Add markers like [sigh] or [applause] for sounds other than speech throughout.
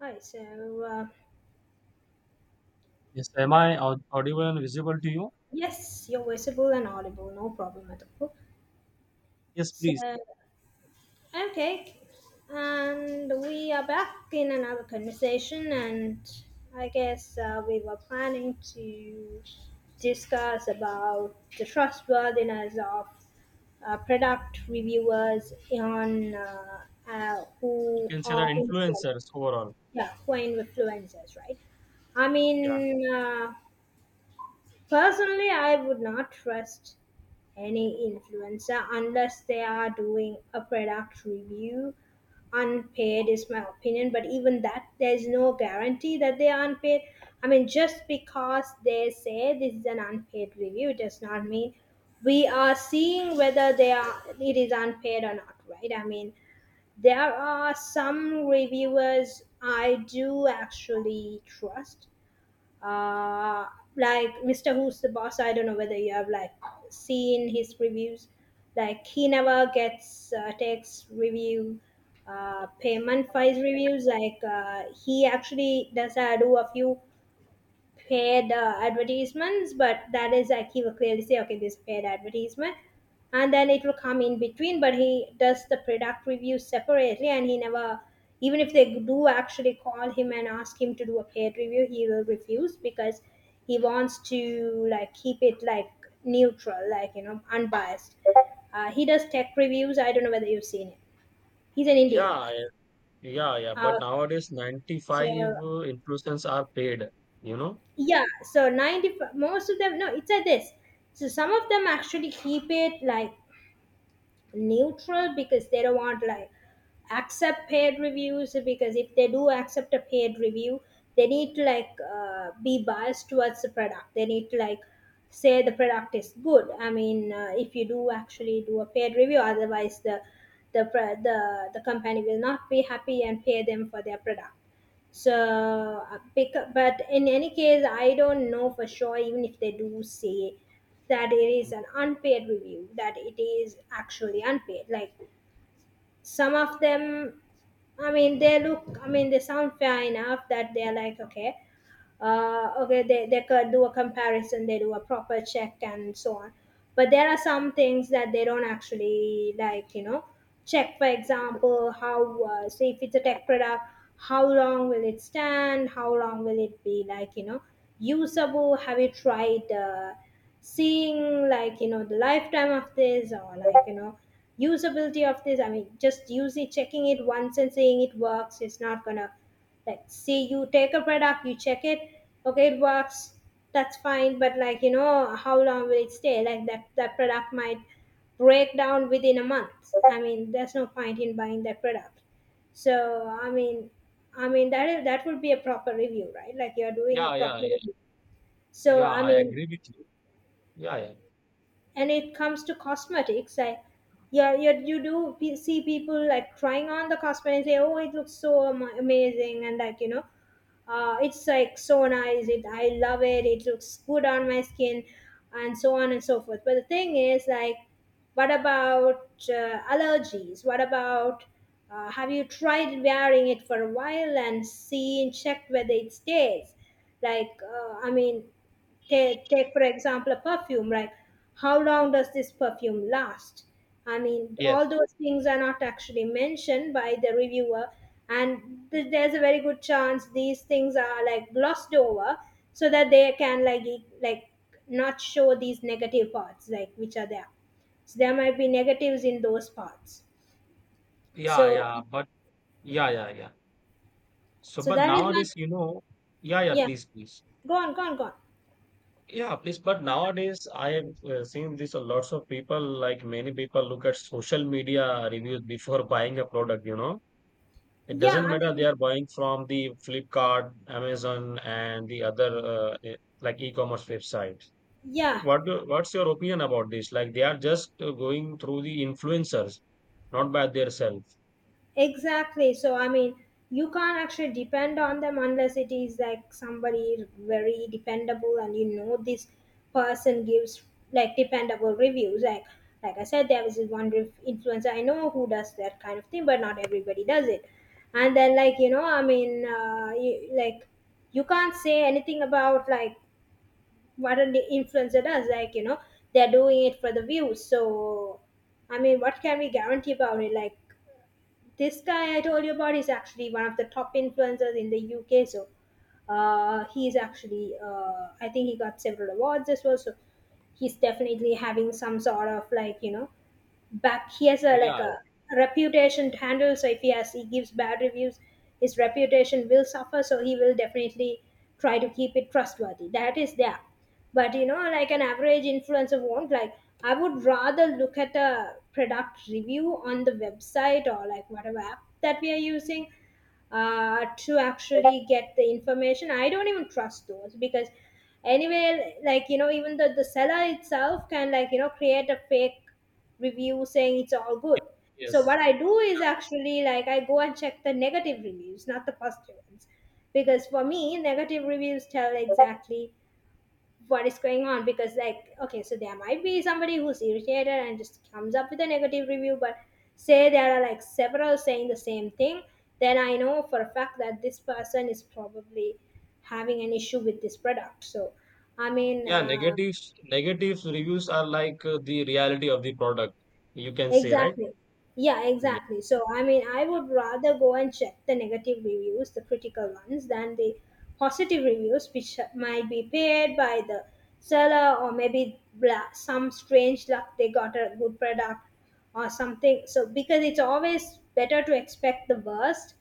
Hi, so Yes, am I audible and visible to you? yes, you're visible and audible, no problem at all. Yes, So, please. okay, and we are back in another conversation, and I guess we were planning to discuss about the trustworthiness of product reviewers on uh, You who can say that are influ- influencers overall. yeah, who are influencers, right? I Yeah. mean, personally, I would not trust any influencer unless they are doing a product review. Unpaid is my opinion, but even that, there's no guarantee that they are unpaid. I mean, just because they say this is an unpaid review does not mean we are seeing whether they are it is unpaid or not, right? I mean, there are some reviewers I do actually trust, uh, like Mr. Who's the Boss. I don't know whether you have like seen his reviews. Like he never gets takes review payment for his reviews. Like he actually does do a few paid advertisements, but that is like he will clearly say, okay, this is paid advertisement. And then it will come in between, but he does the product review separately and he never, even if they do actually call him and ask him to do a paid review, he will refuse because he wants to like keep it like neutral, like, you know, unbiased. He does tech reviews. I don't know whether you've seen him. He's an Yeah, Indian I- guy. yeah. Uh, But nowadays, 95 so influencers are paid, you know? yeah, so 90, most of them, no, it's like this. So some of them actually keep it like neutral because they don't want like accept paid reviews, because if they do accept a paid review, they need to like be biased towards the product. They need to like say the product is good. I mean, if you do actually do a paid review, otherwise the pro- the company will not be happy and pay them for their product. So pick, but in any case, I don't know for sure, even if they do say that it is an unpaid review, that it is actually unpaid. Like some of them, I mean, they look, I mean, they sound fair enough that they're like, okay, okay, they could do a comparison, they do a proper check and so on. But there are some things that they don't actually like, you know, check, for example, how, say, if it's a tech product, how long will it stand? How long will it be like, you know, usable? Have you tried seeing like you know the lifetime of this, or like you know usability of this? I mean, just using, checking it once and saying it works is not gonna, like, say you take a product, you check it, okay, it works, that's fine, but like you know, how long will it stay like that? That product might break down within a month. I mean, there's no point in buying that product. So I mean, I mean that is, that would be a proper review, right? Like you're doing a Yeah, yeah, proper yeah. review. So Yeah, I I mean, agree with you. Yeah, yeah. and it comes to cosmetics, I, yeah, yeah, you do see people like trying on the cosmetic and say, oh, it looks so amazing, and like you know, it's like so nice, it, I love it, it looks good on my skin and so on and so forth, but the thing is like, what about allergies? What about, have you tried wearing it for a while and see and check whether it stays like, I mean, take for example a perfume, right? How long does this perfume last? I mean, Yes. all those things are not actually mentioned by the reviewer. And there's a very good chance these things are like glossed over so that they can like like not show these negative parts like which are there. So there might be negatives in those parts. Yeah, So, yeah. But yeah. So, so but that is when, nowadays, you know, yeah, yeah, please, please. go on, go on, go on, Yeah, please. But nowadays, I have seen this. Lots of people, like many people, look at social media reviews before [laughs] buying a product, you know? It yeah, doesn't I matter they mean, are buying from the Flipkart, Amazon, and the other like e-commerce websites. yeah. Like, what do, what's your opinion about this? Like they are just going through the influencers, not by themselves. Exactly. So, I mean, you can't actually depend on them unless it is like somebody very dependable and you know this person gives like dependable reviews. Like I said, there was this one influencer I know who does that kind of thing, but not everybody does it. And then, like, you know, I mean, you, like, you can't say anything about like what an influencer does. Like, you know, they're doing it for the views. So, I mean, what can we guarantee about it? Like, this guy I told you about is actually one of the top influencers in the UK. So he's actually, I think he got several awards as well. So he's definitely having some sort of like, you know, back, he has a like Yeah, a yeah, reputation to handle. So if he has, he gives bad reviews, his reputation will suffer, so he will definitely try to keep it trustworthy, that is there. But you know like an average influencer won't, like, I would rather look at a product review on the website or like whatever app that we are using to actually get the information. I don't even trust those because anyway, like you know, even the seller itself can like you know create a fake review saying it's all good. So yes. what I do is actually like I go and check the negative reviews, not the positive ones, because for me, negative reviews tell exactly what is going on, because like, okay, so there might be somebody who's irritated and just comes up with a negative review, but say there are like several saying the same thing, then I know for a fact that this person is probably having an issue with this product. So I mean, Yeah, negatives reviews are like the reality of the product, you can say, right? Exactly. Yeah, Yeah. exactly. So, I mean, I would rather go and check the negative reviews, the critical ones, than the positive reviews, which might be paid by the seller, or maybe some strange luck they got a good product or something. So, because it's always better to expect the worst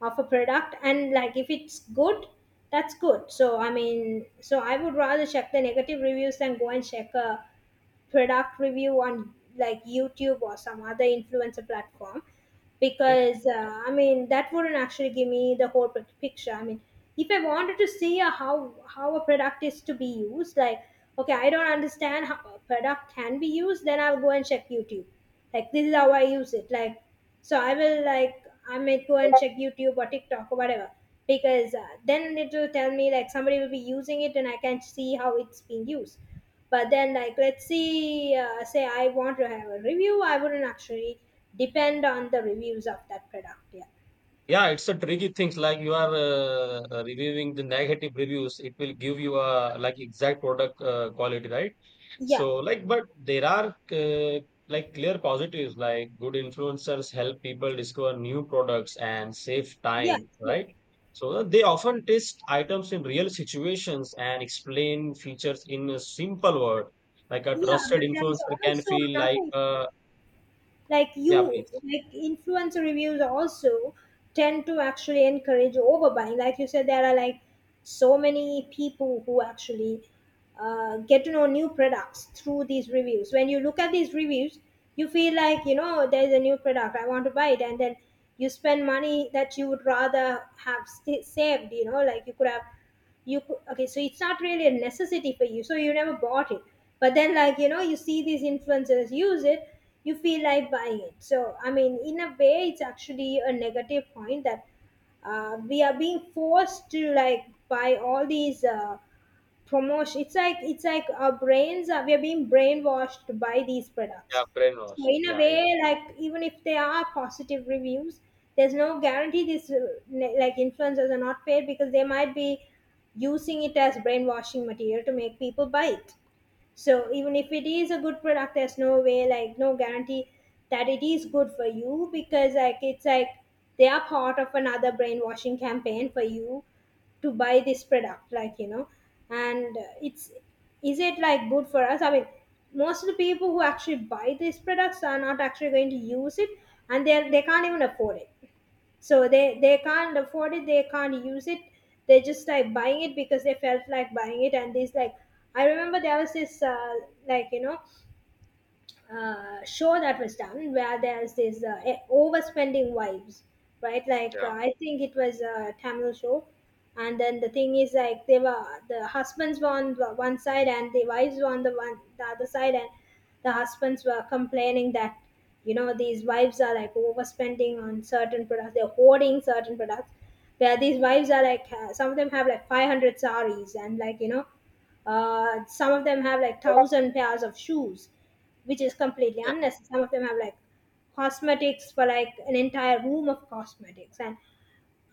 of a product, and like if it's good, that's good. So, I mean, so I would rather check the negative reviews than go and check a product review on like YouTube or some other influencer platform, because I mean that wouldn't actually give me the whole picture. I mean, if I wanted to see a, how a product is to be used, like okay, I don't understand how a product can be used, then I'll go and check YouTube. Like this is how I use it. Like so I will like, I may go and check YouTube or TikTok or whatever, because then it will tell me like somebody will be using it and I can see how it's being used. But then like let's see, say I want to have a review, I wouldn't actually depend on the reviews of that product. Yeah, Yeah, it's a tricky thing. Like you are reviewing the negative reviews, it will give you a like exact product quality, right? yeah, So like, but there are like clear positives. Like good influencers help people discover new products and save yeah, time, true. right? So they often test items in real situations and explain features in a simple word. Like a Yeah. trusted But there is influencer can also feel like, another issue, like yeah, you, please, like influencer reviews also tend to actually encourage overbuying. Like you said, there are like so many people who actually get to know new products through these reviews. When you look at these reviews, you feel like you know there's a new product, I want to buy it, and then you spend money that you would rather have saved, you know, like you could have, you could, okay, so it's not really a necessity for you, so you never bought it, but then like you know you see these influencers use it, you feel like buying it. So I mean, in a way it's actually a negative point that we are being forced to like buy all these promotion. It's like, it's like our brains are, we are being brainwashed by these products. yeah, So brainwash, in a yeah, yeah. way, like even if there are positive reviews, there's no guarantee these like influencers are not paid, because they might be using it as brainwashing material to make people buy it. So even if it is a good product, there's no way, like no guarantee that it is good for you, because like it's like they are part of another brainwashing campaign for you to buy this product, like you know. And it's, is it like good for us? I mean, most of the people who actually buy these products are not actually going to use it, and they can't even afford it, so they can't afford it, they can't use it, they're just like buying it because they felt like buying it, and these like, I remember there was this like you know, show that was done where there's this overspending vibes, right? Like Yeah. I think it was a Tamil show, and then the thing is like they were, the husbands were on the one side and the wives were on the one the other side, and the husbands were complaining that, you know, these wives are like overspending on certain products, they're hoarding certain products. Where these wives are like, some of them have like 500 saris, and like, you know, some of them have like 1,000 pairs of shoes, which is completely unnecessary. Some of them have like cosmetics for like an entire room of cosmetics. And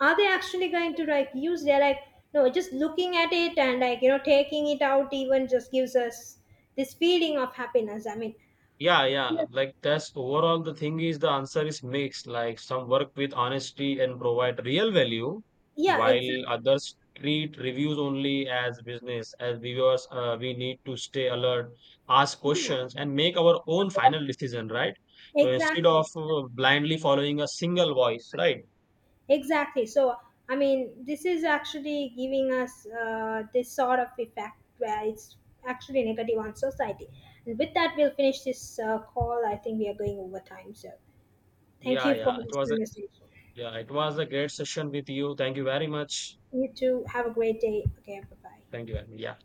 are they actually going to like use? They're like, no, just looking at it and like, you know, taking it out even just gives us this feeling of happiness. I mean, Yeah, yeah. Like that's overall the thing is the answer is mixed. Like some work with honesty and provide real value, yeah, while exactly. others treat reviews only as business. As viewers, we need to stay alert, ask Yeah, questions, and make our own final decision, right? So instead exactly. of blindly following a single voice, right? Exactly. So, I mean, this is actually giving us, this sort of effect where it's actually negative on society. And with that, we'll finish this call. I think we are going over time. So, thank Yeah, you for yeah. It this was a conversation. yeah, it was a great session with you. Thank you very much. You too. Have a great day. Okay, bye Thank bye. you. Very much. Yeah.